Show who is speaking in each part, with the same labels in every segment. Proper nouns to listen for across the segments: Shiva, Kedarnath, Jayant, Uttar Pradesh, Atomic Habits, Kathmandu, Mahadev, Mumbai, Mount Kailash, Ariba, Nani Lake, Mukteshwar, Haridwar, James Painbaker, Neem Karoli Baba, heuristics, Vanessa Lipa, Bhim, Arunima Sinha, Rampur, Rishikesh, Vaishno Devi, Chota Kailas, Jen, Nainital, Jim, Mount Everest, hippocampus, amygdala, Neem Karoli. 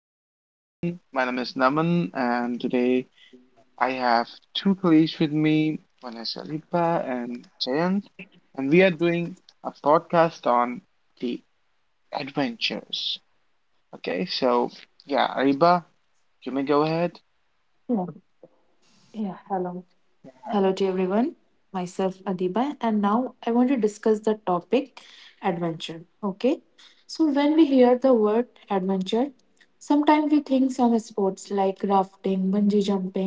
Speaker 1: Hello everyone, my name is Naman and today I have two colleagues with me, Vanessa Lipa and Jayant, and we are doing a podcast on the adventures. Okay, so yeah, Ariba, you may go
Speaker 2: Yeah,
Speaker 1: ahead.
Speaker 2: yeah, hello. Hello to everyone. Myself Adiba, and now I want to discuss the topic adventure. Okay, so when we hear the word adventure, sometimes we think some sports like rafting, bungee jumping,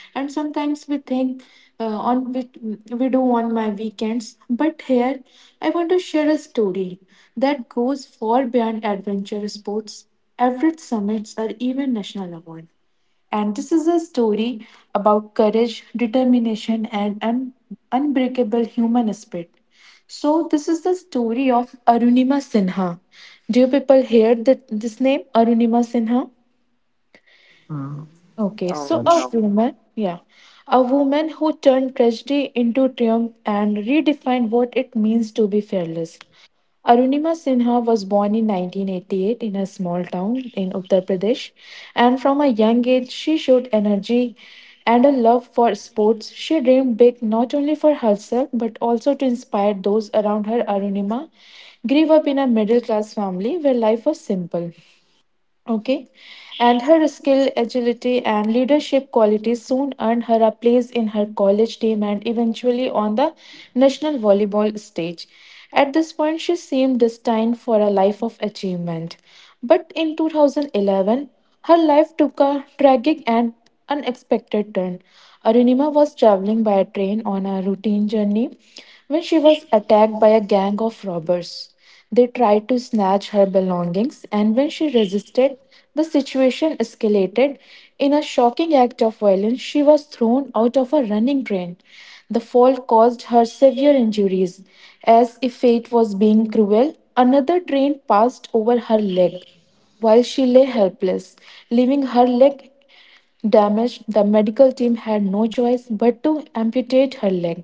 Speaker 2: and sometimes we think on which we do on my weekends. But here, I want to share a story that goes far beyond adventure sports, average summits, or even national awards. And this is a story about courage, determination, and unbreakable human spirit. So, this is the story of Arunima Sinha. Do you people hear that this name, Arunima Sinha?
Speaker 3: Mm,
Speaker 2: Okay,
Speaker 1: Oh
Speaker 2: so
Speaker 3: not
Speaker 2: a
Speaker 3: sh-
Speaker 1: no.
Speaker 2: woman, yeah, a woman who turned tragedy into triumph and redefined what it means to be fearless. Arunima Sinha was born in 1988 in a small town in Uttar Pradesh, and from a young age, she showed energy and a love for sports. She dreamed big not only for herself but also to inspire those around her. Arunima grew up in a middle class family where life was simple. Okay. And her skill, agility, and leadership qualities soon earned her a place in her college team and eventually on the national volleyball stage. At this point, she seemed destined for a life of achievement. But in 2011, her life took a tragic and unexpected turn. Arunima was traveling by train on a routine journey when she was attacked by a gang of robbers. They tried to snatch her belongings, and when she resisted, the situation escalated. In a shocking act of violence, she was thrown out of a running train. The fall caused her severe injuries. As if fate was being cruel, another train passed over her leg while she lay helpless, leaving her leg damaged, the medical team had no choice but to amputate her leg.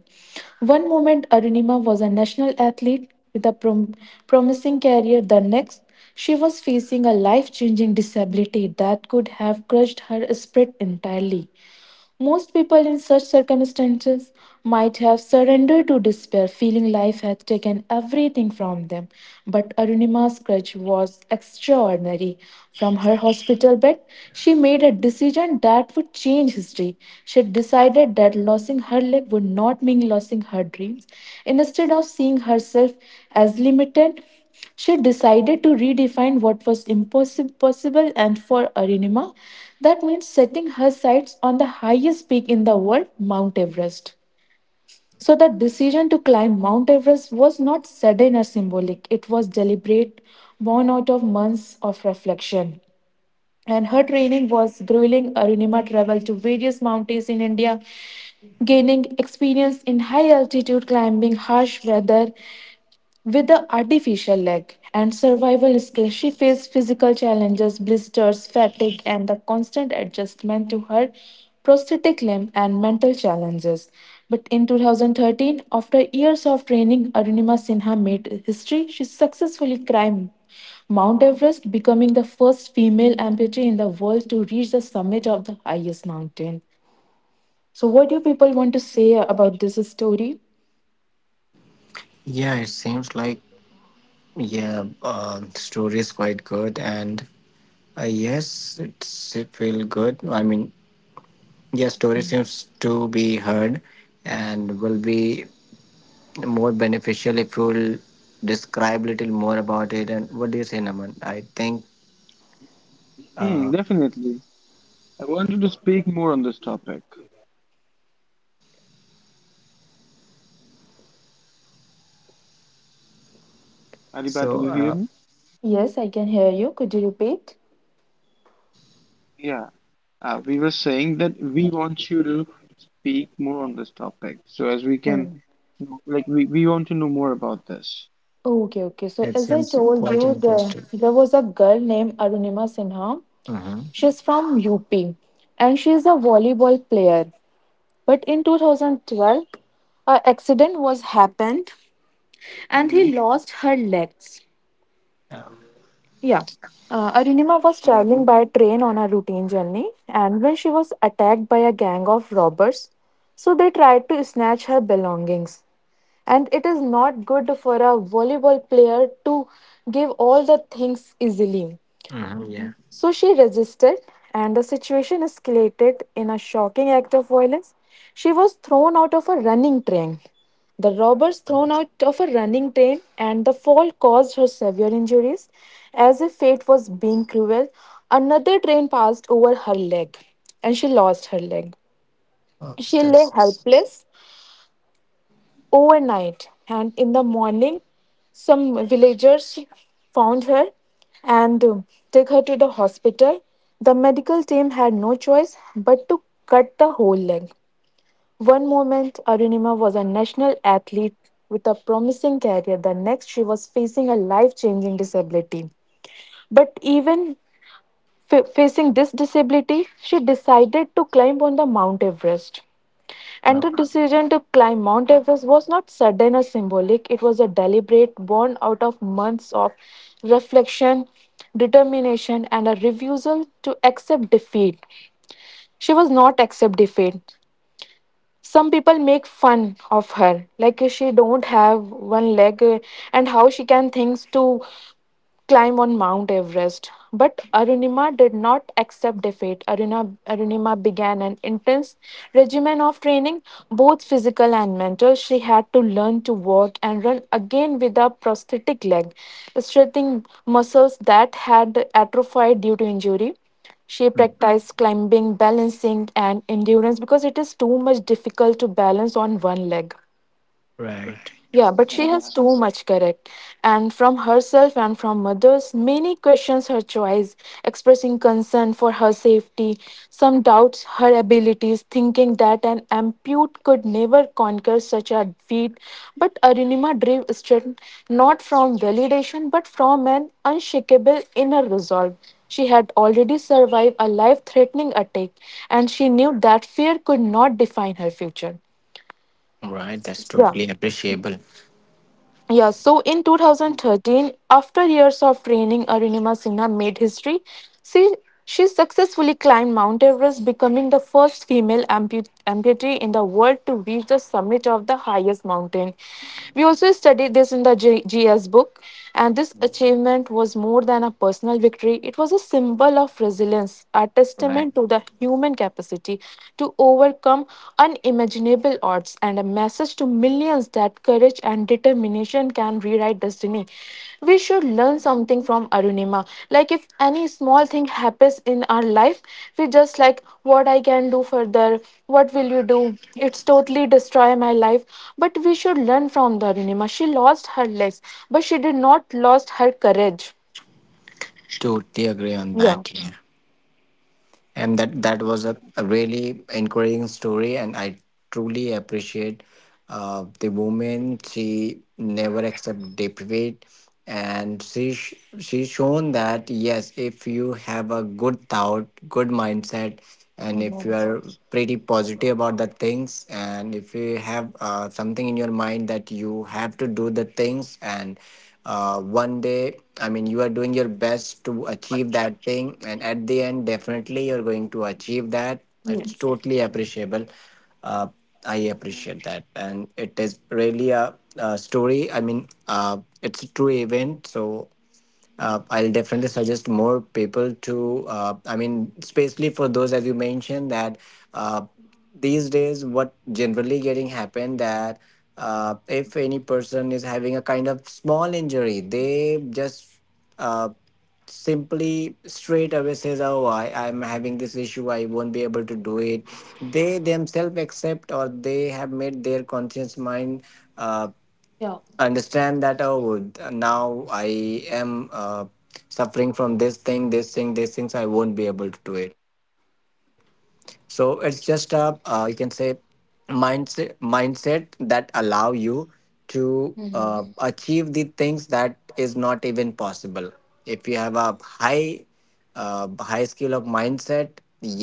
Speaker 2: One moment, Arunima was a national athlete with a promising career. The next, she was facing a life changing disability that could have crushed her spirit entirely. Most people in such circumstances might have surrendered to despair, feeling life had taken everything from them. But Arunima's courage was extraordinary. From her hospital bed, she made a decision that would change history. She decided that losing her leg would not mean losing her dreams. Instead of seeing herself as limited, she decided to redefine what was impossible possible and for Arinima that means setting her sights on the highest peak in the world, Mount Everest. So the decision to climb Mount Everest was not sudden or symbolic, it was deliberate, born out of months of reflection. And her training was grueling. Arunima traveled to various mountains in India, gaining experience in high altitude climbing, harsh weather, with the artificial leg and survival skills, she faced physical challenges, blisters, fatigue, and the constant adjustment to her prosthetic limb and mental challenges. But in 2013, after years of training, Arunima Sinha made history. She successfully climbed Mount Everest, becoming the first female amputee in the world to reach the summit of the highest mountain. So, what do you people want to say about this story?
Speaker 3: Yeah, it seems like yeah, the story is quite good, and yes, it feel good. Yeah, story seems to be heard, and will be more beneficial if you'll describe little more about it. And what do you say, Naman? I think uh,
Speaker 1: Hmm, definitely. I wanted to speak more on this topic.
Speaker 3: so.
Speaker 1: Ariba, do
Speaker 3: Uh,
Speaker 1: you hear
Speaker 2: Yes, I can hear you. Could you repeat?
Speaker 1: me? We were saying that we want you to speak more on this topic so as we can,
Speaker 2: Hmm.
Speaker 1: like, we want to know more about this.
Speaker 2: Okay, okay. So
Speaker 3: it
Speaker 2: as I
Speaker 3: seems
Speaker 2: told
Speaker 3: quite
Speaker 2: you,
Speaker 3: interesting.
Speaker 2: there was a girl named Arunima Sinha.
Speaker 3: Mm-hmm.
Speaker 2: She's from UP and she's a volleyball player. But in 2012, an accident was happened and he
Speaker 1: Mm-hmm.
Speaker 2: lost her legs. Yeah. Arunima was
Speaker 1: Mm-hmm.
Speaker 2: traveling by train on a routine journey, and when she was attacked by a gang of robbers, so they tried to snatch her belongings. And it is not good for a volleyball player to give all the things easily.
Speaker 3: Mm-hmm, yeah.
Speaker 2: So she resisted, and the situation escalated in a shocking act of violence. She was thrown out of a running train. The robbers thrown out of a running train, and the fall caused her severe injuries. As if fate was being cruel, another train passed over her leg, and she lost her leg.
Speaker 3: Oops,
Speaker 2: She lay
Speaker 3: that's
Speaker 2: helpless overnight. And in the morning, some villagers found her and took her to the hospital. The medical team had no choice but to cut the whole leg. One moment, Arunima was a national athlete with a promising career. The next, she was facing a life changing disability. But even facing this disability, she decided to climb on the Mount Everest. And
Speaker 3: uh,
Speaker 2: the decision to climb Mount Everest was not sudden or symbolic, it was a deliberate, born out of months of reflection, determination, and a refusal to accept defeat. She was not accept defeat some people make fun of her like she don't have one leg and how she can things to climb on Mount Everest. But Arunima did not accept defeat. Arunima began an intense regimen of training, both physical and mental. She had to learn to walk and run again with a prosthetic leg, strengthening muscles that had atrophied due to injury. She
Speaker 3: mm,
Speaker 2: practiced climbing, balancing, and endurance because it is too much difficult to balance on one leg.
Speaker 3: right.
Speaker 2: Yeah, but she has
Speaker 1: Yes.
Speaker 2: too much, correct? And from herself and from others, many questions her choice, expressing concern for her safety. Some doubts her abilities, thinking that an ampute could never conquer such a feat. But Arunima drew strength not from validation, but from an unshakable inner resolve. She had already survived a life threatening attack, and she knew that fear could not define her future.
Speaker 3: Right, that's
Speaker 2: Yeah.
Speaker 3: totally appreciable.
Speaker 2: Yeah, so in 2013, after years of training, Arunima Sinha made history. She, she successfully climbed Mount Everest, becoming the first female amputee in the world to reach the summit of the highest mountain. We also studied this in the GS book. And this achievement was more than a personal victory, it was a symbol of resilience, a
Speaker 3: Right.
Speaker 2: testament to the human capacity to overcome unimaginable odds, and a message to millions that courage and determination can rewrite destiny. We should learn something from Arunima. Like if any small thing happens in our life, we just like what I can do further, what will you do? It's totally destroy my life. But we should learn from the Arunima. She lost her legs, but she did not lost her courage.
Speaker 3: Totally agree on
Speaker 2: Yeah.
Speaker 3: that. Yeah. And that was a really encouraging story, and I truly appreciate the woman. She never accept deprivate, and she shown that yes, if you have a good thought, good mindset, and if you
Speaker 2: Mhm.
Speaker 3: are pretty positive about the things, and if you have something in your mind that you have to do the things and one day I mean you are doing your best to achieve that thing, and at the end definitely you're going to achieve that. It's
Speaker 2: Yes.
Speaker 3: totally appreciable. uh, I
Speaker 1: Mm-hmm.
Speaker 3: appreciate that, and it is really a story. It's a true event, so I'll definitely suggest more people to. I mean, especially for those as you mentioned that uh, these days, what generally getting happen that if any person is having a kind of small injury, they just uh, simply straight away says, "Oh, I'm having this issue. I won't be able to do it." They themselves accept, or they have made their conscious mind. Uh,
Speaker 2: Yeah.
Speaker 3: Understand that oh now I am suffering from this thing, this thing, these things, I won't be able to do it. So it's just a, you can say, mindset that allow you to
Speaker 2: Mhm.
Speaker 3: achieve the things that is not even possible. If you have a high high skill of mindset,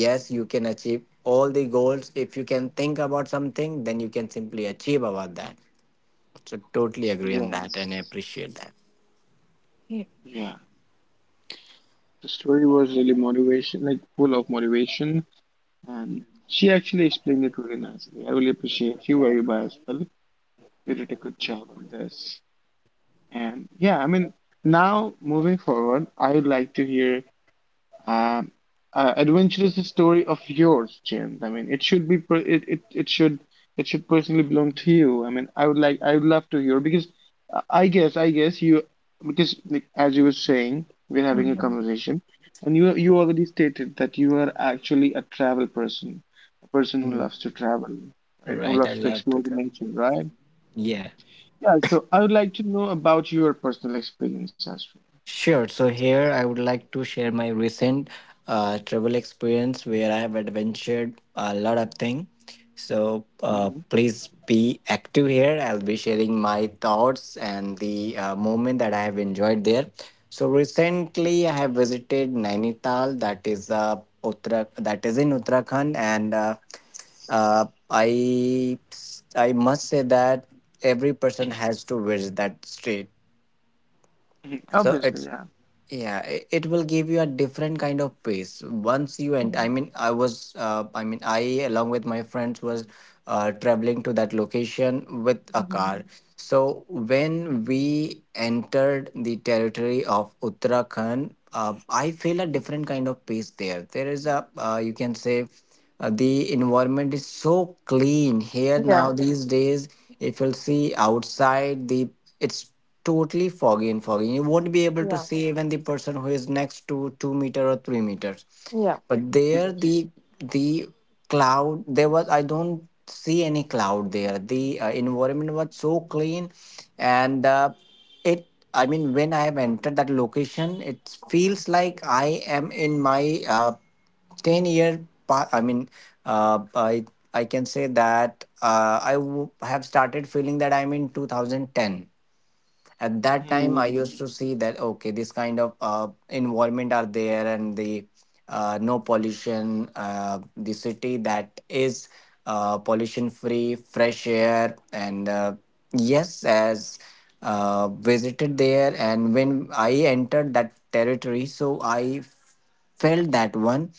Speaker 3: yes, you can achieve all the goals. If you can think about something, then you can simply achieve about that. So totally agree on that,
Speaker 1: Yes.
Speaker 3: and I appreciate that.
Speaker 2: Yeah.
Speaker 1: Yeah. The story was really motivation, like, full of motivation, and she actually explained it really nicely. I really appreciate you, Ariba, as well. You did a good job on this. And yeah, I mean, now moving forward, I would like to hear um, adventurous story of yours, Jim. I mean, It should personally belong to you. I mean, I would love to hear because I guess you, because like as you were saying, we're having a
Speaker 3: Mhm.
Speaker 2: Mhm.
Speaker 1: conversation, and you already stated that you are actually a travel person, a person who loves to travel, right? Who
Speaker 3: Right. I
Speaker 1: loves to
Speaker 3: love
Speaker 1: explore
Speaker 3: to
Speaker 1: the
Speaker 3: come.
Speaker 1: nature, right?
Speaker 3: Yeah.
Speaker 1: Yeah. So I would like to know about your personal experience as
Speaker 3: Sure. So here I would like to share my recent travel experience where I have adventured a lot of things. So
Speaker 1: well.
Speaker 3: please be active here. I'll be sharing my thoughts and the moment that I have enjoyed there. So recently I have visited Nainital, that is Uttara, that is in Uttarakhand, and uh, I I must say that every person has to visit that state. So
Speaker 1: Obviously,
Speaker 3: it's
Speaker 1: yeah.
Speaker 3: yeah, it will give you a different kind of pace once you, and I
Speaker 2: Mhm.
Speaker 3: mean, I was, I mean, I along with my friends was traveling to that location with a car.
Speaker 2: Mhm.
Speaker 3: So when we entered the territory of Uttarakhand, I feel a different kind of pace there. There is a, you can say. The environment is so clean here
Speaker 2: Yeah.
Speaker 3: now these days. If you'll see outside, the it's totally foggy and foggy. You won't be able to
Speaker 2: Yeah.
Speaker 3: see even the person who is next to 2 meter or 3 meters.
Speaker 2: Yeah.
Speaker 3: But there, the cloud there was, I don't see any cloud there. The environment was so clean, and it I mean, when I have entered that location, it feels like I am in my 10 year pa- i mean uh, i I can say that I have started feeling that I'm in 2010. At that time,
Speaker 1: Yeah.
Speaker 3: I used to see that okay, this kind of environment are there, and the no pollution, the city that is pollution free, fresh air, and yes, as visited there, and when I entered that territory, so I felt that one.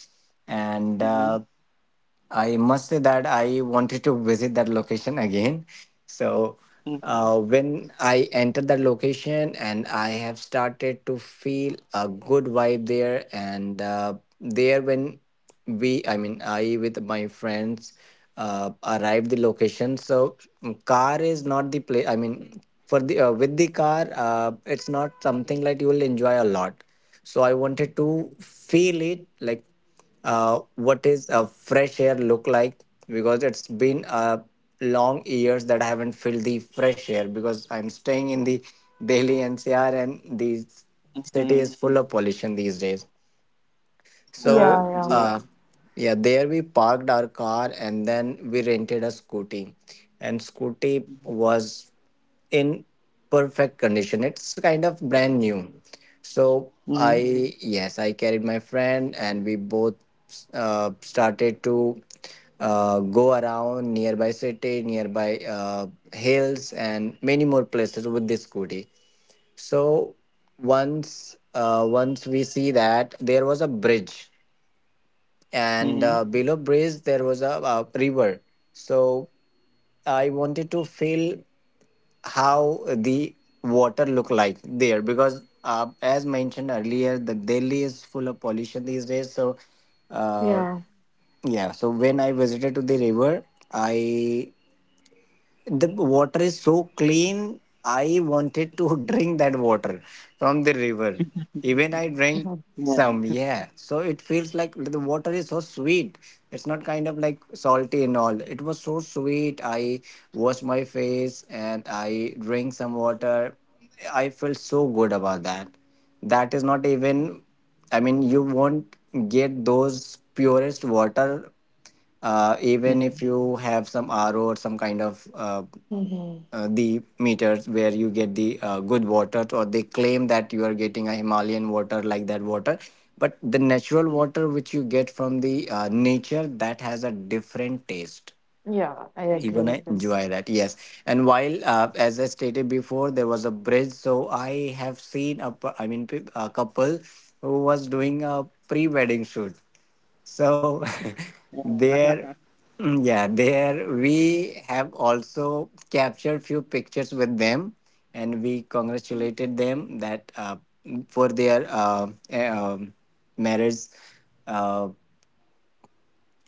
Speaker 3: And
Speaker 1: Mhm.
Speaker 3: I must say that I wanted to visit that location again. So
Speaker 1: Mhm.
Speaker 3: when I entered that location and I have started to feel a good vibe there, and there when we, I mean, I with my friends arrived the location. So mm, car is not the place. I mean, for the, with the car, it's not something like you will enjoy a lot. So I wanted to feel it like what is a fresh air look like, because it's been long years that I haven't felt the fresh air because I'm staying in the Delhi NCR and the city is
Speaker 1: Mhm.
Speaker 3: full of pollution these days.
Speaker 2: Yeah. Yeah.
Speaker 1: Yeah,
Speaker 3: So,
Speaker 1: you're right.
Speaker 3: yeah, there we parked our car and then we rented a scooty. And scooty was in perfect condition. It's kind of brand new. So
Speaker 1: Mhm.
Speaker 3: I, yes, I carried my friend and we both started to go around nearby city, nearby hills, and many more places with this scooty. So once we see that there was a bridge and
Speaker 1: Mhm.
Speaker 3: below bridge there was a, river. So I wanted to feel how the water look like there, because as mentioned earlier, the Delhi is full of pollution these days. So
Speaker 2: Yeah.
Speaker 3: uh, yeah, so when I visited to the river, I the water is so clean, I wanted to drink that water from the river. Even I
Speaker 2: Mhm.
Speaker 3: drank some, yeah, so it feels like the water is so sweet. It's not kind of like salty and all, it was so sweet. I washed my face and I drank some water. I felt so good about that. That is not even, I mean, you won't get those purest water, even if
Speaker 1: Mhm.
Speaker 3: you have some RO or some kind of
Speaker 2: Mhm.
Speaker 3: the meters where you get the good water, or they claim that you are getting a Himalayan water like that water, but the natural water which you get from the nature, that has a different taste.
Speaker 2: Yeah, I
Speaker 3: You're
Speaker 2: agree with
Speaker 3: gonna
Speaker 2: this.
Speaker 3: enjoy that, yes. And while as I stated before, there was a bridge, so I have seen a a couple who was doing a pre-wedding shoot. So
Speaker 1: Yeah.
Speaker 3: there, mm, yeah, there we have also captured few pictures with them, and we congratulated them that for their marriage. Uh,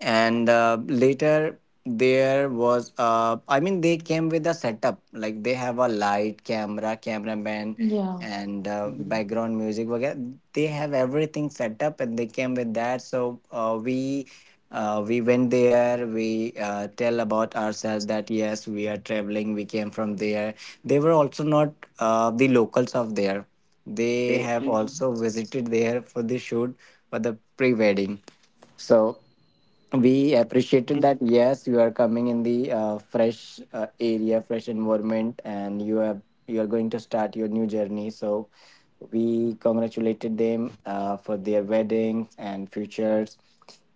Speaker 3: and Later there was, they came with a setup like they have a light, camera, cameraman
Speaker 2: Yeah.
Speaker 3: and
Speaker 1: Mhm.
Speaker 3: background music वगैरह. They have everything set up and they came with that. So we went there, we tell about ourselves that yes, we are traveling, we came from there. They were also not the locals of there. They have also
Speaker 1: Mhm.
Speaker 3: visited there for the shoot, for the pre-wedding. So we
Speaker 1: Mhm.
Speaker 3: appreciated
Speaker 1: Yeah. Mhm. Mhm.
Speaker 3: that
Speaker 1: Mhm.
Speaker 3: yes, you are coming in the fresh area, fresh environment, and you have, you are going to start your new journey. So we congratulated them for their weddings and futures.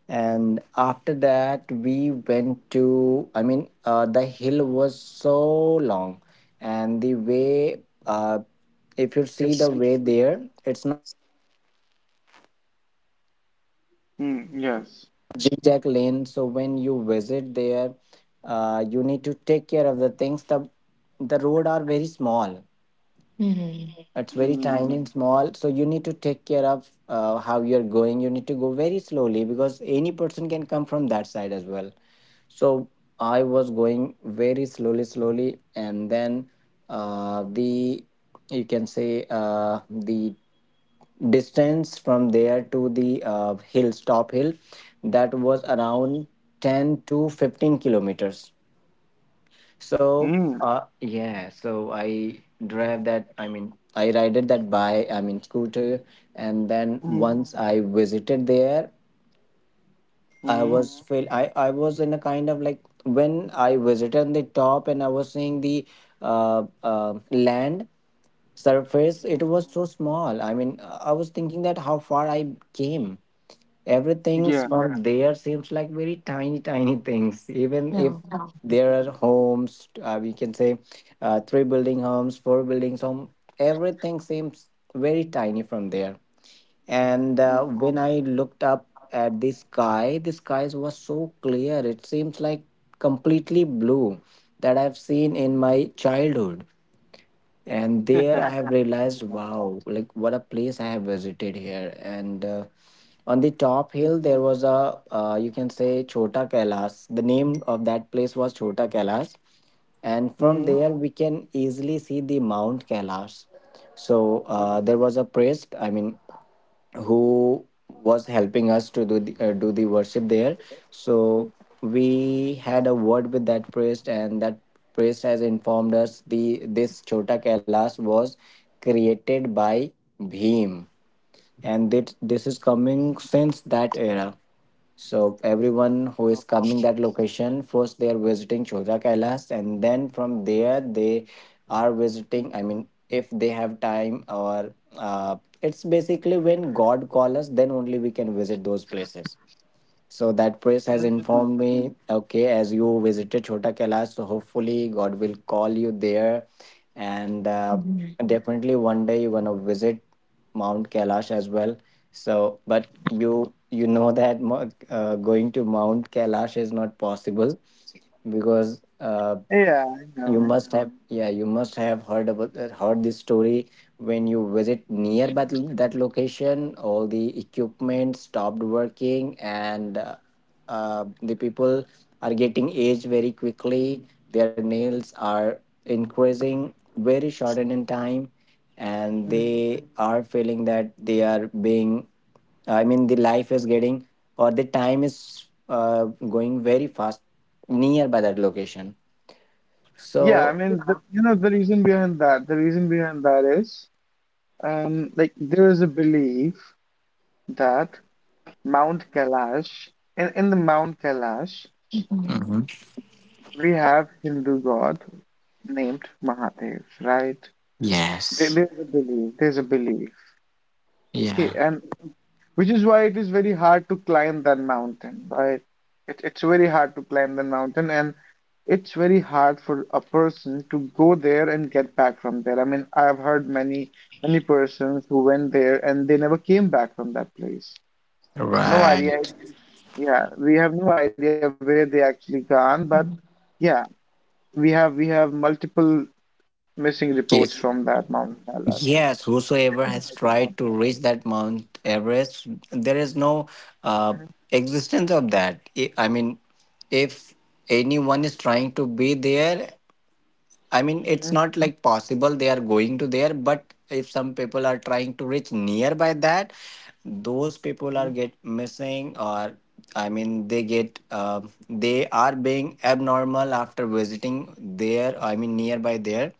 Speaker 3: And after that, we went to, I mean, the hill was so long. And the way, uh, if you see the way there, it's
Speaker 1: Mhm. Yes.
Speaker 3: zigzag lane. So when you visit there, you need to take care of the things. The road are very small,
Speaker 2: Mhm.
Speaker 3: it's very
Speaker 1: Mm.
Speaker 3: tiny and small. So you need to take care of how you're going. You need to go very slowly because any person can come from that side as well. So I was going very slowly, slowly, and then the you can say, the distance from there to the top hill, that was around 10 to 15 kilometers. So
Speaker 1: Mm.
Speaker 3: yeah, so I drive that, I mean I rided that by, I mean scooter, and then
Speaker 1: Mhm.
Speaker 3: once I visited there, I
Speaker 1: Mhm.
Speaker 3: was I was in a kind of like, when I visited on the top and I was seeing the land surface, it
Speaker 1: Mhm.
Speaker 3: was so small. I mean, I was thinking that how far I came.
Speaker 1: Yeah.
Speaker 3: Everything's from, yeah, there seems like very tiny, tiny things, even if,
Speaker 2: Yeah.
Speaker 3: yeah, there are homes, we can say three building homes, four buildings home, everything seems very tiny from there. And
Speaker 1: Mm.
Speaker 3: when I looked up at the sky, the skies was so clear, it seems like completely blue, that I've seen in my childhood. And there I
Speaker 1: Yeah.
Speaker 3: have realized wow, like what a place I have visited here. And on the top hill there was a, you can say, Chota Kailas, the name of that place was Chota Kailas. And from
Speaker 1: Mhm.
Speaker 3: there we can easily see the Mount Kailas. So
Speaker 1: Mhm.
Speaker 3: there was a priest, who was helping us to do the worship there. So we had a word with that priest, and that priest has informed us the, this Chota Kailash was created by Bhim, and that this is coming since that era. So everyone who is coming that location, first they are visiting Chodra Kailas, and then from there they are visiting. I mean, if they have time, or it's basically when God calls us, then only we can visit those places. So that priest has
Speaker 1: Mhm.
Speaker 3: informed me, okay, as you visited Chota Kailash, so hopefully God will call you there, and
Speaker 2: Mhm.
Speaker 3: definitely one day you're gonna visit Mount Kailash as well. So, but you know that going to Mount Kailash is not possible because.
Speaker 1: Yeah, I
Speaker 3: You
Speaker 1: know.
Speaker 3: must have yeah you must have heard about heard this story when you visit near that, that location all the equipment stopped working and the people are getting aged very quickly their nails are increasing very short in time and
Speaker 1: Mhm.
Speaker 3: they are feeling that they are being I mean, the life is getting or the time is going very fast near by that location.
Speaker 1: Yeah, I
Speaker 3: So
Speaker 1: mean, the reason behind that, is, like there is a belief that Mount Kailash, in the Mount Kailash,
Speaker 3: hmm.
Speaker 1: we have Hindu god named Mahadev, right?
Speaker 3: Yes.
Speaker 1: There's a belief. Okay,
Speaker 3: Yeah.
Speaker 1: and which is why it is very hard to climb that mountain, right? It's very hard to climb the mountain, and it's very hard for a person to go there and get back from there. I mean, I've heard many, many persons who went there and they never came back from that place. No idea.
Speaker 3: Right.
Speaker 1: Yeah, we have no idea where they actually gone, but. Yeah, we have multiple missing reports from
Speaker 3: Yes.
Speaker 1: that mountain last year.
Speaker 3: Yes, whosoever has
Speaker 1: Mhm,
Speaker 3: tried to reach that Mount Everest, there is no uh, existence of that. I mean, if anyone is trying to be there, I
Speaker 1: mhm.
Speaker 3: mean, it's not like possible they are going to there, but if some people are trying to reach nearby that, those people are get missing or I mean, they get they are being abnormal after visiting there. I mean, nearby there,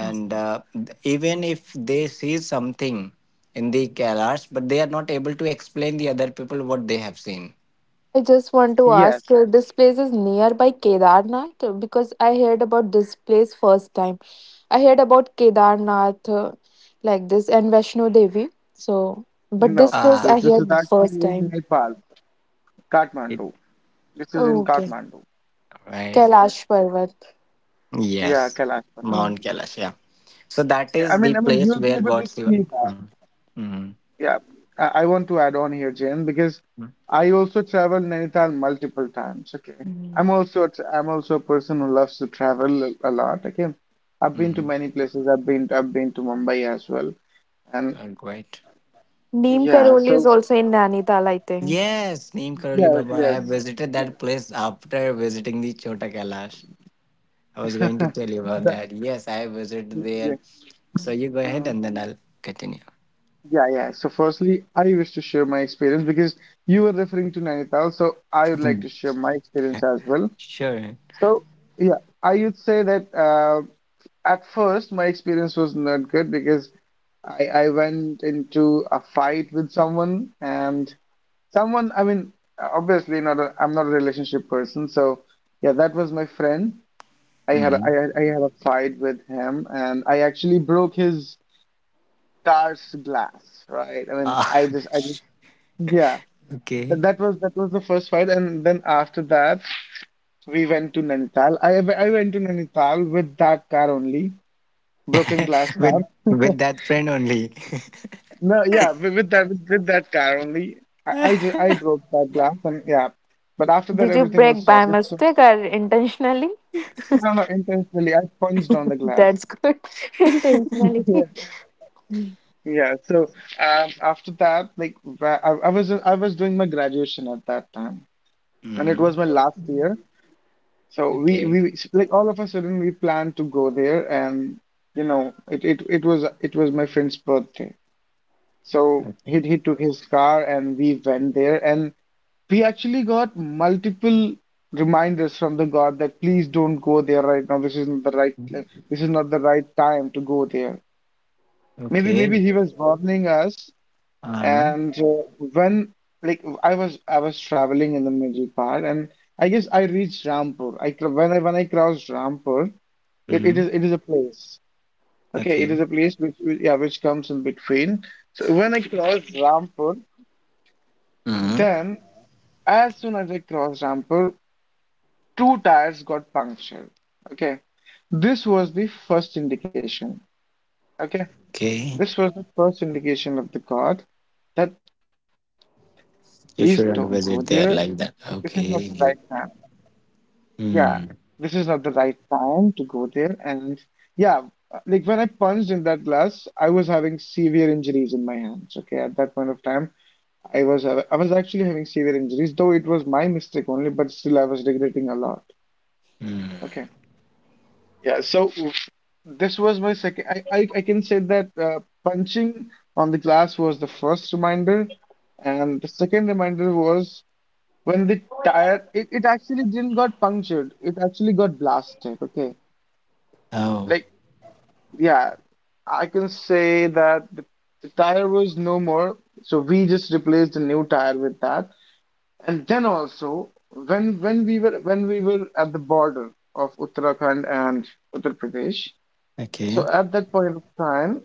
Speaker 2: Yes.
Speaker 1: Mhm.
Speaker 3: even if they see something in the Kailash, but they are not able to explain the other people what they have seen.
Speaker 2: I just want to
Speaker 1: Yes,
Speaker 2: ask, this place is nearby Kedarnath. Because I heard about this place first time. I heard about Kedarnath like this and Vaishno Devi. So,
Speaker 1: no,
Speaker 2: but this
Speaker 1: this is
Speaker 2: place
Speaker 1: this
Speaker 2: I
Speaker 3: Ah,
Speaker 1: is
Speaker 2: heard
Speaker 1: actually
Speaker 2: first
Speaker 1: in
Speaker 2: time.
Speaker 1: Nepal,
Speaker 3: it,
Speaker 1: Kathmandu. This is in
Speaker 2: Oh, okay,
Speaker 1: Kathmandu.
Speaker 3: right?
Speaker 1: Mm,
Speaker 2: Kailash Parvat.
Speaker 1: yeah,
Speaker 3: Yes,
Speaker 1: Kailash Parbat.
Speaker 2: Oh.
Speaker 3: Mount Kailash. Yeah. So that
Speaker 1: Yeah,
Speaker 3: is the place
Speaker 1: you'll be
Speaker 3: where
Speaker 1: able to
Speaker 3: God Shiva.
Speaker 1: see that.
Speaker 3: Mm. Mm.
Speaker 1: Yeah, I want to add on here, Jen, because I also traveled Nainital multiple times. Okay,
Speaker 2: Mhm.
Speaker 1: I'm also a person who loves to travel a lot. Okay, I've been to
Speaker 3: Mm.
Speaker 1: many places. I've been to Mumbai as well, and
Speaker 3: Great.
Speaker 2: Neem
Speaker 1: yeah.
Speaker 2: Karoli is
Speaker 1: So
Speaker 2: also in Nainital, I think.
Speaker 3: Yes, Neem Karoli
Speaker 1: yes,
Speaker 3: Baba. I
Speaker 1: yes,
Speaker 3: have
Speaker 2: Mhm.
Speaker 3: visited that
Speaker 1: yeah.
Speaker 3: place after visiting the Chota Kailash. I was going to tell you about
Speaker 1: that
Speaker 3: that. Yes, I have visited
Speaker 1: yeah.
Speaker 3: there. So you go ahead
Speaker 1: Mhm.
Speaker 3: and then I'll continue.
Speaker 1: Yeah, yeah. So firstly, I wish to share my experience because you were referring to Nainital, so I would like
Speaker 3: Mm.
Speaker 1: to share my experience as well.
Speaker 3: Sure.
Speaker 1: So yeah, I would say that At first, my experience was not good because I went into a fight with someone and someone, I mean, obviously not a, I'm not a relationship person, so yeah, that was my friend.
Speaker 3: Mm.
Speaker 1: I had a fight with him and I actually broke his car's glass, right? I mean,
Speaker 3: Ah,
Speaker 1: I just yeah,
Speaker 3: okay.
Speaker 1: that was the first fight and then after that we went to Nainital. I went to Nainital with that car only, broken glass car.
Speaker 2: Mhm.
Speaker 3: With that friend only.
Speaker 1: No, yeah, with that car only. I broke that glass and yeah. But after that
Speaker 2: Did you
Speaker 1: everything was
Speaker 2: break by
Speaker 1: sorted. So
Speaker 2: mistake or intentionally?
Speaker 1: no, no, intentionally I punched on the glass.
Speaker 2: That's good. Intentionally.
Speaker 1: Yeah. Yeah. So after that, I was doing my graduation at that time. And it was
Speaker 3: mm.
Speaker 1: my last year. So we,
Speaker 3: Okay.
Speaker 1: we like all of a sudden we planned to go there and you know it was it was my friend's birthday. So he
Speaker 3: Okay.
Speaker 1: he took his car and we went there and we actually got multiple reminders from the god that please don't go there right now. This is not the right time to go there. Maybe maybe
Speaker 3: Okay.
Speaker 1: he was warning us.
Speaker 3: Uh-huh.
Speaker 1: And when like I was traveling in the middle part, and I guess I reached Rampur. I cr- when I crossed Rampur,
Speaker 3: Mm-hmm.
Speaker 1: it is a place. Okay, it is
Speaker 3: Okay.
Speaker 1: a place yeah which comes in between. So when I crossed Rampur,
Speaker 3: Mm,
Speaker 1: then as soon as I crossed Rampur, two tires got punctured. Okay, this was the first indication. Okay,
Speaker 3: okay.
Speaker 1: this was the first indication of the god that please don't go there.
Speaker 3: You shouldn't
Speaker 1: This
Speaker 3: visit
Speaker 1: is
Speaker 3: there
Speaker 1: not the
Speaker 3: like
Speaker 1: right
Speaker 3: that.
Speaker 1: time.
Speaker 3: Okay.
Speaker 1: Yeah, this is not the
Speaker 3: Mm,
Speaker 1: right time to go there. And yeah, like when I punched in that glass, I was having severe injuries in my hands. Okay, at that point of time, I was I was actually having severe injuries, though it was my mistake only, but still I was regretting a lot.
Speaker 3: mm.
Speaker 1: Okay. Yeah, so this was my second. I can say that punching on the glass was the first reminder, and the second reminder was when the tire it actually didn't got punctured, it actually got blasted. Okay,
Speaker 3: Oh,
Speaker 1: like yeah, I can say that the tire was no more, so we just replaced the new tire with that. And then also when we were at the border of Uttarakhand and Uttar Pradesh. So
Speaker 3: okay.
Speaker 1: at that point of time,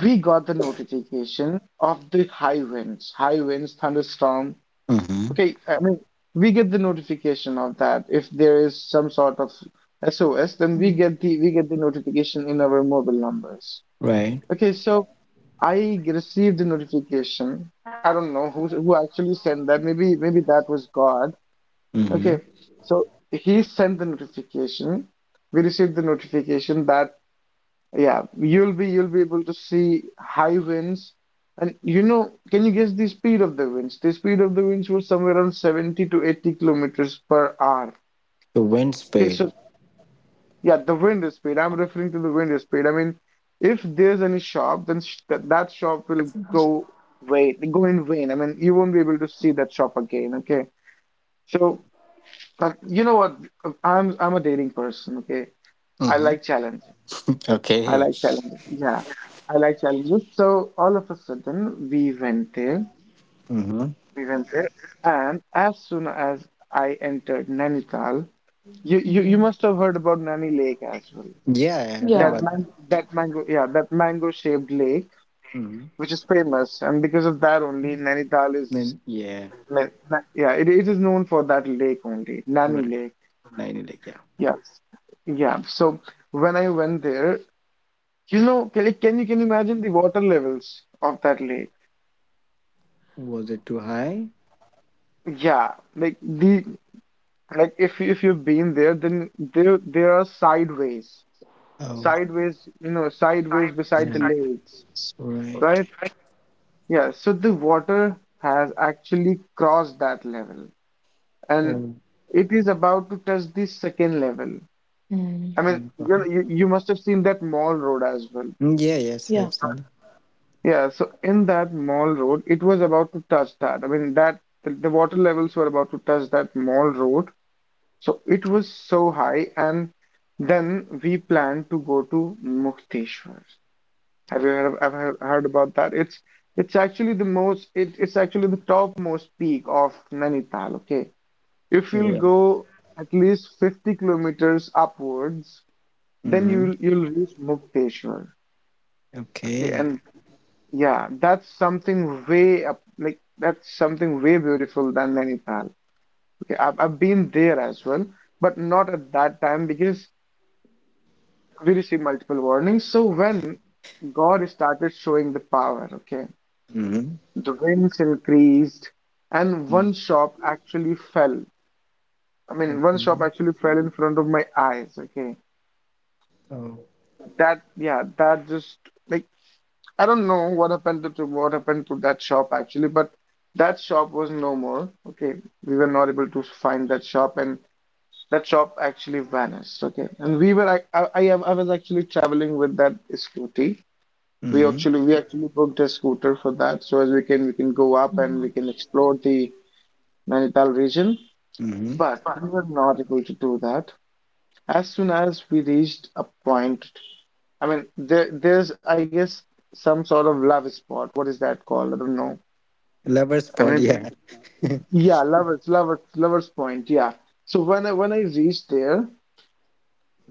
Speaker 1: we got the notification of the high winds, thunderstorm.
Speaker 3: Mm-hmm.
Speaker 1: Okay, I mean, we get the notification of that. If there is some sort of SOS, then we get the notification in our mobile numbers.
Speaker 3: Right.
Speaker 1: Okay, so I received the notification. I don't know who actually sent that. Maybe maybe that was God. Okay,
Speaker 3: Mm-hmm.
Speaker 1: so he sent the notification. We received the notification that yeah, you'll be able to see high winds, and you know, can you guess the speed of the winds? The speed of the winds was somewhere around 70 to 80 kilometers per hour.
Speaker 3: The wind
Speaker 1: Okay, so
Speaker 3: speed.
Speaker 1: yeah, the wind speed. I'm referring to the wind speed. I mean, if there's any shop, that shop will go vain, go in vain. I mean, you won't be able to see that shop again. Okay, so but you know what? I'm a daring person. Okay, I
Speaker 3: Mm-hmm.
Speaker 1: like challenge. I
Speaker 3: Okay.
Speaker 1: like challenges. Yeah, I like challenges. So all of a sudden, we went there.
Speaker 3: Mm-hmm.
Speaker 1: We went there, and as soon as I entered Nainital,
Speaker 2: Mhm.
Speaker 1: you must have heard about Nani Lake as well.
Speaker 3: Yeah,
Speaker 2: Yeah.
Speaker 3: I heard
Speaker 1: That
Speaker 3: about that.
Speaker 1: man, that mango, yeah, that mango-shaped lake,
Speaker 3: Mm-hmm.
Speaker 1: which is famous, and because of that only,
Speaker 3: Then, yeah,
Speaker 1: yeah, it is known for that lake only, Nani
Speaker 3: right.
Speaker 1: Lake.
Speaker 3: 90 like, yeah.
Speaker 1: Yes, yeah. So when I went there, you know, can you can you imagine the water levels of that lake?
Speaker 3: Was it too high?
Speaker 1: Yeah, like the like if you- if you've been there, then there are sideways,
Speaker 3: Oh,
Speaker 1: sideways, you know, sideways beside the
Speaker 3: yeah.
Speaker 1: lakes,
Speaker 3: Right.
Speaker 1: right? Yeah, so the water has actually crossed that level, and
Speaker 3: Oh,
Speaker 1: it is about to touch the second level.
Speaker 2: Mm.
Speaker 1: I mean,
Speaker 3: oh
Speaker 1: you know,
Speaker 3: God.
Speaker 1: you must have seen that mall road as well.
Speaker 3: Mm, yeah, yes,
Speaker 2: Yeah.
Speaker 3: I've seen it.
Speaker 1: Yeah, so in that mall road, it was about to touch that. I mean, that the water levels were about to touch that mall road, so it was so high, and then we planned to go to Mukteshwar. Have you heard, ever heard about that? It's actually the most it's actually the topmost peak of Nainital. Okay, if you'll
Speaker 3: Right.
Speaker 1: go at least 50 kilometers upwards, then
Speaker 3: Mm-hmm.
Speaker 1: you'll reach Mukteshwar. Okay,
Speaker 3: Okay.
Speaker 1: and yeah, that's something way up like that's something way beautiful than Nainital. Okay, I've been there as well, but not at that time because we receive multiple warnings. So when God started showing the power, okay,
Speaker 3: Mm-hmm.
Speaker 1: the winds increased, and one
Speaker 3: Mm-hmm.
Speaker 1: shop actually fell. I mean, one shop
Speaker 3: Okay.
Speaker 1: actually fell in front of my eyes. Okay,
Speaker 3: Oh.
Speaker 1: that yeah, that just like I don't know to what happened to that shop actually, but that shop was no more. Okay, we were not able to find that shop, and that shop actually vanished. Okay, and we were I was actually traveling with that scooty.
Speaker 3: Mm-hmm.
Speaker 1: We actually booked a scooter for that so as we can go up and we can explore the Nainital region,
Speaker 3: Mm-hmm.
Speaker 1: but we were not able to do that. As soon as we reached a point, I mean there there's I guess some sort of love spot. What is that called? I don't know.
Speaker 3: Lover
Speaker 1: I
Speaker 3: spot,
Speaker 1: mean
Speaker 3: yeah.
Speaker 1: yeah, lovers point, yeah. So when I reached there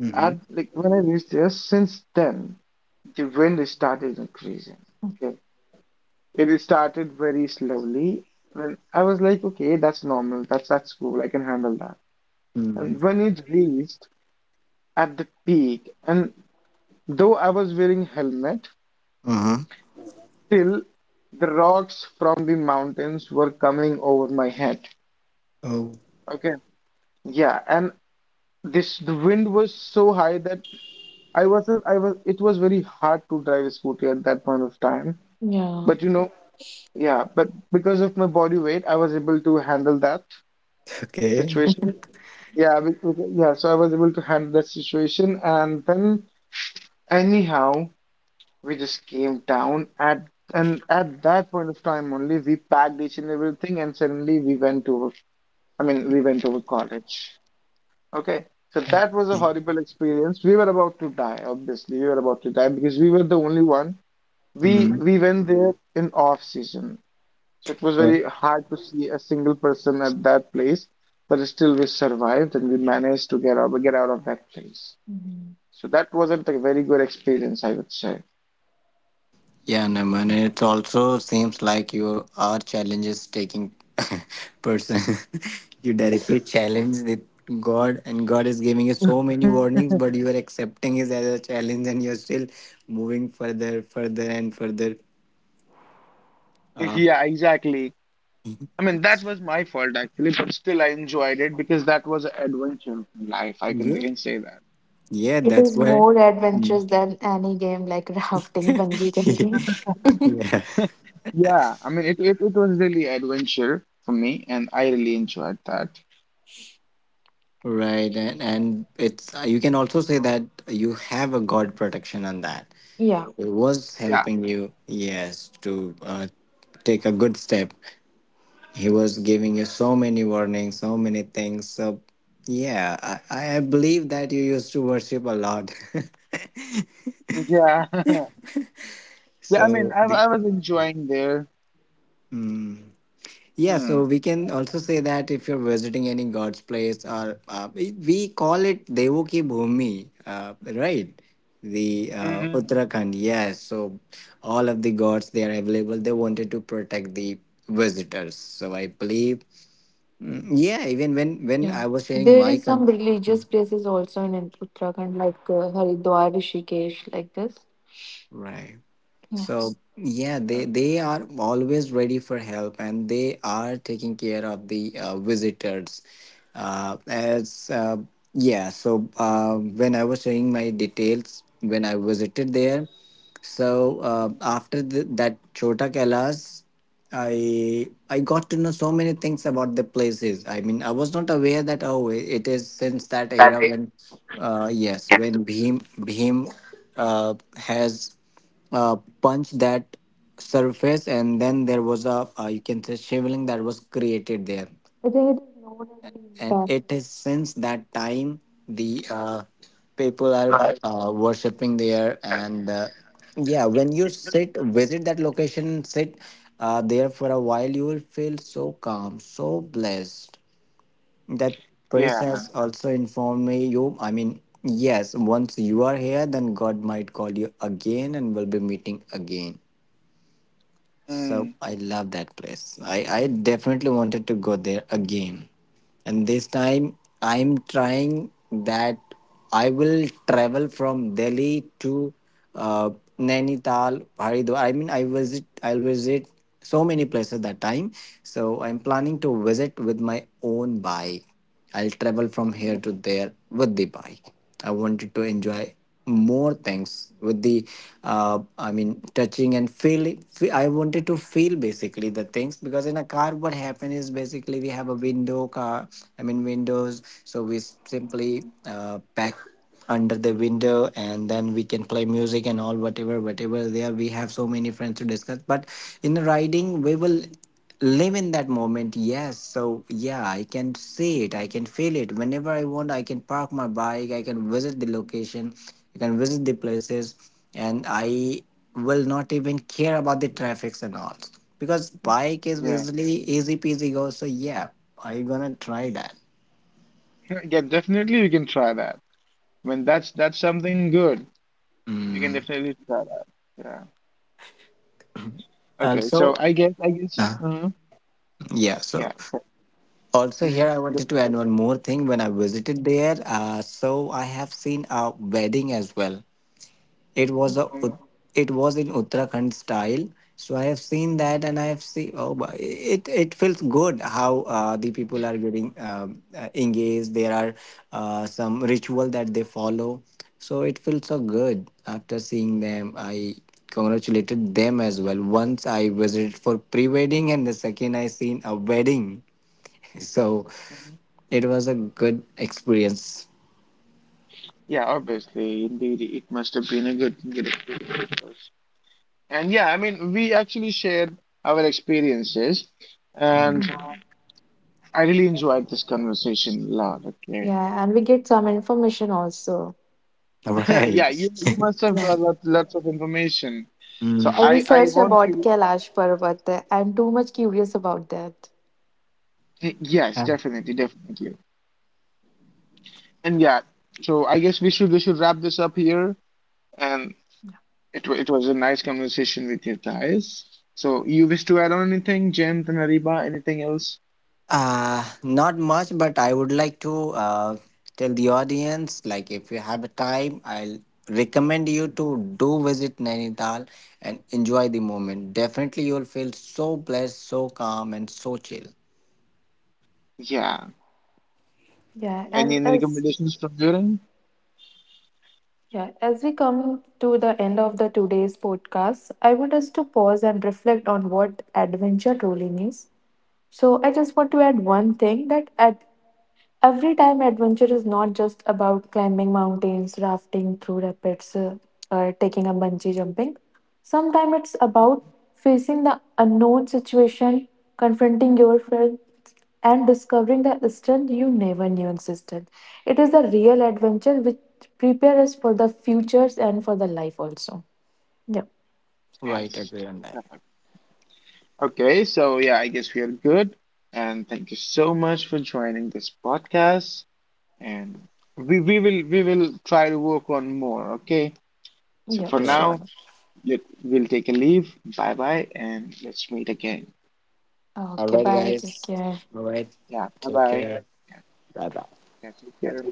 Speaker 3: mm-hmm.
Speaker 1: at like when I reached there since then the wind started increasing. Okay. It started very slowly. And I was like, okay, that's normal. That's cool. I can handle that.
Speaker 3: Mm-hmm.
Speaker 1: And when it reached at the peak, and though I was wearing helmet,
Speaker 3: Uh-huh.
Speaker 1: still the rocks from the mountains were coming over my head.
Speaker 3: Oh,
Speaker 1: Okay. Yeah, and this the wind was so high that I wasn't I was it was very hard to drive a scooter at that point of time.
Speaker 2: Yeah.
Speaker 1: But you know, yeah, but because of my body weight, I was able to handle that
Speaker 3: okay.
Speaker 1: situation. Yeah, yeah, so I was able to handle that situation and then anyhow we just came down at and at that point of time only we packed each and everything and suddenly we went over, I mean we went over college. Okay. So that was a horrible experience. We were about to die, obviously. We were about to die because we were the only one. We
Speaker 3: Mm-hmm.
Speaker 1: we went there in off season. So it was very hard to see a single person at that place, but still we survived and we managed to get out of that place.
Speaker 2: Mhm.
Speaker 1: So that wasn't a very good experience, I would say.
Speaker 3: Yeah, no man.
Speaker 2: Yeah.
Speaker 3: It also seems like you are challenges taking person. you directly challenge with God, and God is giving you so many warnings, but you are accepting it as a challenge, and you're still moving further, further, and further. Uh,
Speaker 1: Yeah, exactly. I mean, that was my fault actually, but still I enjoyed it because that was an adventure in life. I
Speaker 3: yeah,
Speaker 1: can say that.
Speaker 3: yeah.
Speaker 2: It
Speaker 3: That's
Speaker 2: is
Speaker 3: why.
Speaker 2: more adventurous
Speaker 3: Mm.
Speaker 2: than any game like rafting, bungee jumping.
Speaker 3: yeah.
Speaker 1: Yeah, I mean, it was really adventure for me, and I really enjoyed that.
Speaker 3: Right, and it's you can also say that you have a God protection on that.
Speaker 2: Yeah.
Speaker 3: He was
Speaker 1: Yeah,
Speaker 3: helping you, yes, to take a good step. He was giving you so many warnings, so many things. So, yeah, I believe that you used to worship a lot.
Speaker 1: yeah, yeah. I mean,
Speaker 3: so, the.
Speaker 1: I was enjoying there.
Speaker 3: Yeah,
Speaker 1: Hmm.
Speaker 3: so we can also say that if you're visiting any god's place, or we call it Devoki Bhumi, right? The
Speaker 1: hmm
Speaker 3: Uttarakhand, yes. So all of the gods they are available. They wanted to protect the visitors. So I believe, mm, yeah. Even when
Speaker 2: Yeah.
Speaker 3: I was sharing
Speaker 2: There
Speaker 3: my
Speaker 2: is some
Speaker 3: con,
Speaker 2: religious places also in Uttarakhand, like Haridwar, Rishikesh, like this.
Speaker 3: right.
Speaker 2: Yeah.
Speaker 3: So yeah, they are always ready for help, and they are taking care of the visitors. As yeah, so when I was sharing my details when I visited there, so after the, that Chota Kailas. I got to know so many things about the places. I mean, I was not aware that oh, I- it is since that era when, yes, when Bhim, has, uh, punched that surface, and then there was a you can say shivling that was created there
Speaker 2: I think it is known as being
Speaker 3: and
Speaker 2: the.
Speaker 3: it is since that time the people are worshipping there and yeah when you sit visit that location sit there for a while you will feel so calm, so blessed that priest
Speaker 1: Yeah.
Speaker 3: has also informed me, you I mean, yes, once you are here then god might call you again and we'll be meeting again. So
Speaker 1: Mm.
Speaker 3: I love that place. I definitely wanted to go there again. And this time I'm trying that I will travel from Delhi to uh, Nainital, Haridwar. I mean, I'll visit so many places that time. So I'm planning to visit with my own bike. I'll travel from here to there with the bike. I wanted to enjoy more things with the, I mean, touching and feeling. I wanted to feel basically the things because in a car, what happens is basically we have a window car. I mean windows, so we s- simply pack under the window and then we can play music and all whatever there we have so many friends to discuss but in riding we will live in that moment. Yes, so yeah, I can see it, I can feel it, whenever I want I can park my bike, I can visit the location, I can visit the places, and I will not even care about the traffics and all because bike is
Speaker 1: Yeah.
Speaker 3: easily easy peasy go. So yeah, I'm gonna try that
Speaker 1: Yeah, definitely you can try that. I mean, that's something good. You can definitely try that. Yeah. Okay. So
Speaker 3: also.
Speaker 1: I guess.
Speaker 3: uh, yeah,
Speaker 1: Yeah.
Speaker 3: so also
Speaker 1: Mm-hmm.
Speaker 3: here I wanted to
Speaker 1: Good.
Speaker 3: add one more thing, when I visited there so I have seen a wedding as well. It was a
Speaker 1: Mm-hmm.
Speaker 3: Ut- it was in Uttarakhand style. So I have seen that, and I have seen oh, but it feels good how the people are getting engaged. There are some ritual that they follow, so it feels so good after seeing them. I congratulated them as well. Once I visited for pre-wedding, and the second I seen a wedding. So
Speaker 1: Mm-hmm.
Speaker 3: it was a good experience.
Speaker 1: Yeah. Obviously, indeed, it must have been a good experience for us. And yeah, I mean, we actually shared our experiences, and
Speaker 2: Mm.
Speaker 1: I really enjoyed this conversation a lot. Okay.
Speaker 2: Yeah, and we get some information also.
Speaker 3: All right.
Speaker 1: Yeah. You must have
Speaker 2: Yeah.
Speaker 1: got lots of information. So
Speaker 2: I will
Speaker 1: I
Speaker 2: search
Speaker 1: want
Speaker 2: about
Speaker 1: you.
Speaker 2: Kailash Parvat. I'm too much curious about that.
Speaker 1: Yes,
Speaker 3: Mm.
Speaker 1: definitely, definitely. And yeah, so I guess we should wrap this up here. And it was a nice conversation with you guys. So you wish to add on anything, Jen and Ariba, anything else?
Speaker 3: Not much, but I would like to tell the audience, like, if you have a time, I'll recommend you to do visit Nainital and enjoy the moment. Definitely, you'll feel so blessed, so calm, and so chill.
Speaker 1: Yeah.
Speaker 2: Yeah, and
Speaker 1: Any
Speaker 2: as
Speaker 1: recommendations from your end?
Speaker 2: Yeah, as we come to the end of the today's podcast, I want us to pause and reflect on what adventure truly means. So I just want to add one thing every time adventure is not just about climbing mountains, rafting through rapids, or taking a bungee jumping. Sometimes it's about facing the unknown situation, confronting your friends, and discovering the strength you never knew existed. It is a real adventure which prepares us for the futures and for the life also. Yeah,
Speaker 3: Right,
Speaker 1: Yes.
Speaker 3: agree on that.
Speaker 1: Yeah. Okay, so yeah, I guess we are good. And thank you so much for joining this podcast. And we will try to work on more, okay? So
Speaker 2: yeah,
Speaker 1: for
Speaker 3: Sure.
Speaker 1: now,
Speaker 2: sure.
Speaker 1: let, we'll take a leave. Bye bye, and let's meet again.
Speaker 3: All
Speaker 2: Okay,
Speaker 3: right,
Speaker 2: bye. Take
Speaker 3: guys.
Speaker 2: care.
Speaker 3: All right.
Speaker 1: Yeah, bye
Speaker 3: Take
Speaker 1: bye.
Speaker 3: care. Bye bye.
Speaker 1: Got you, hear?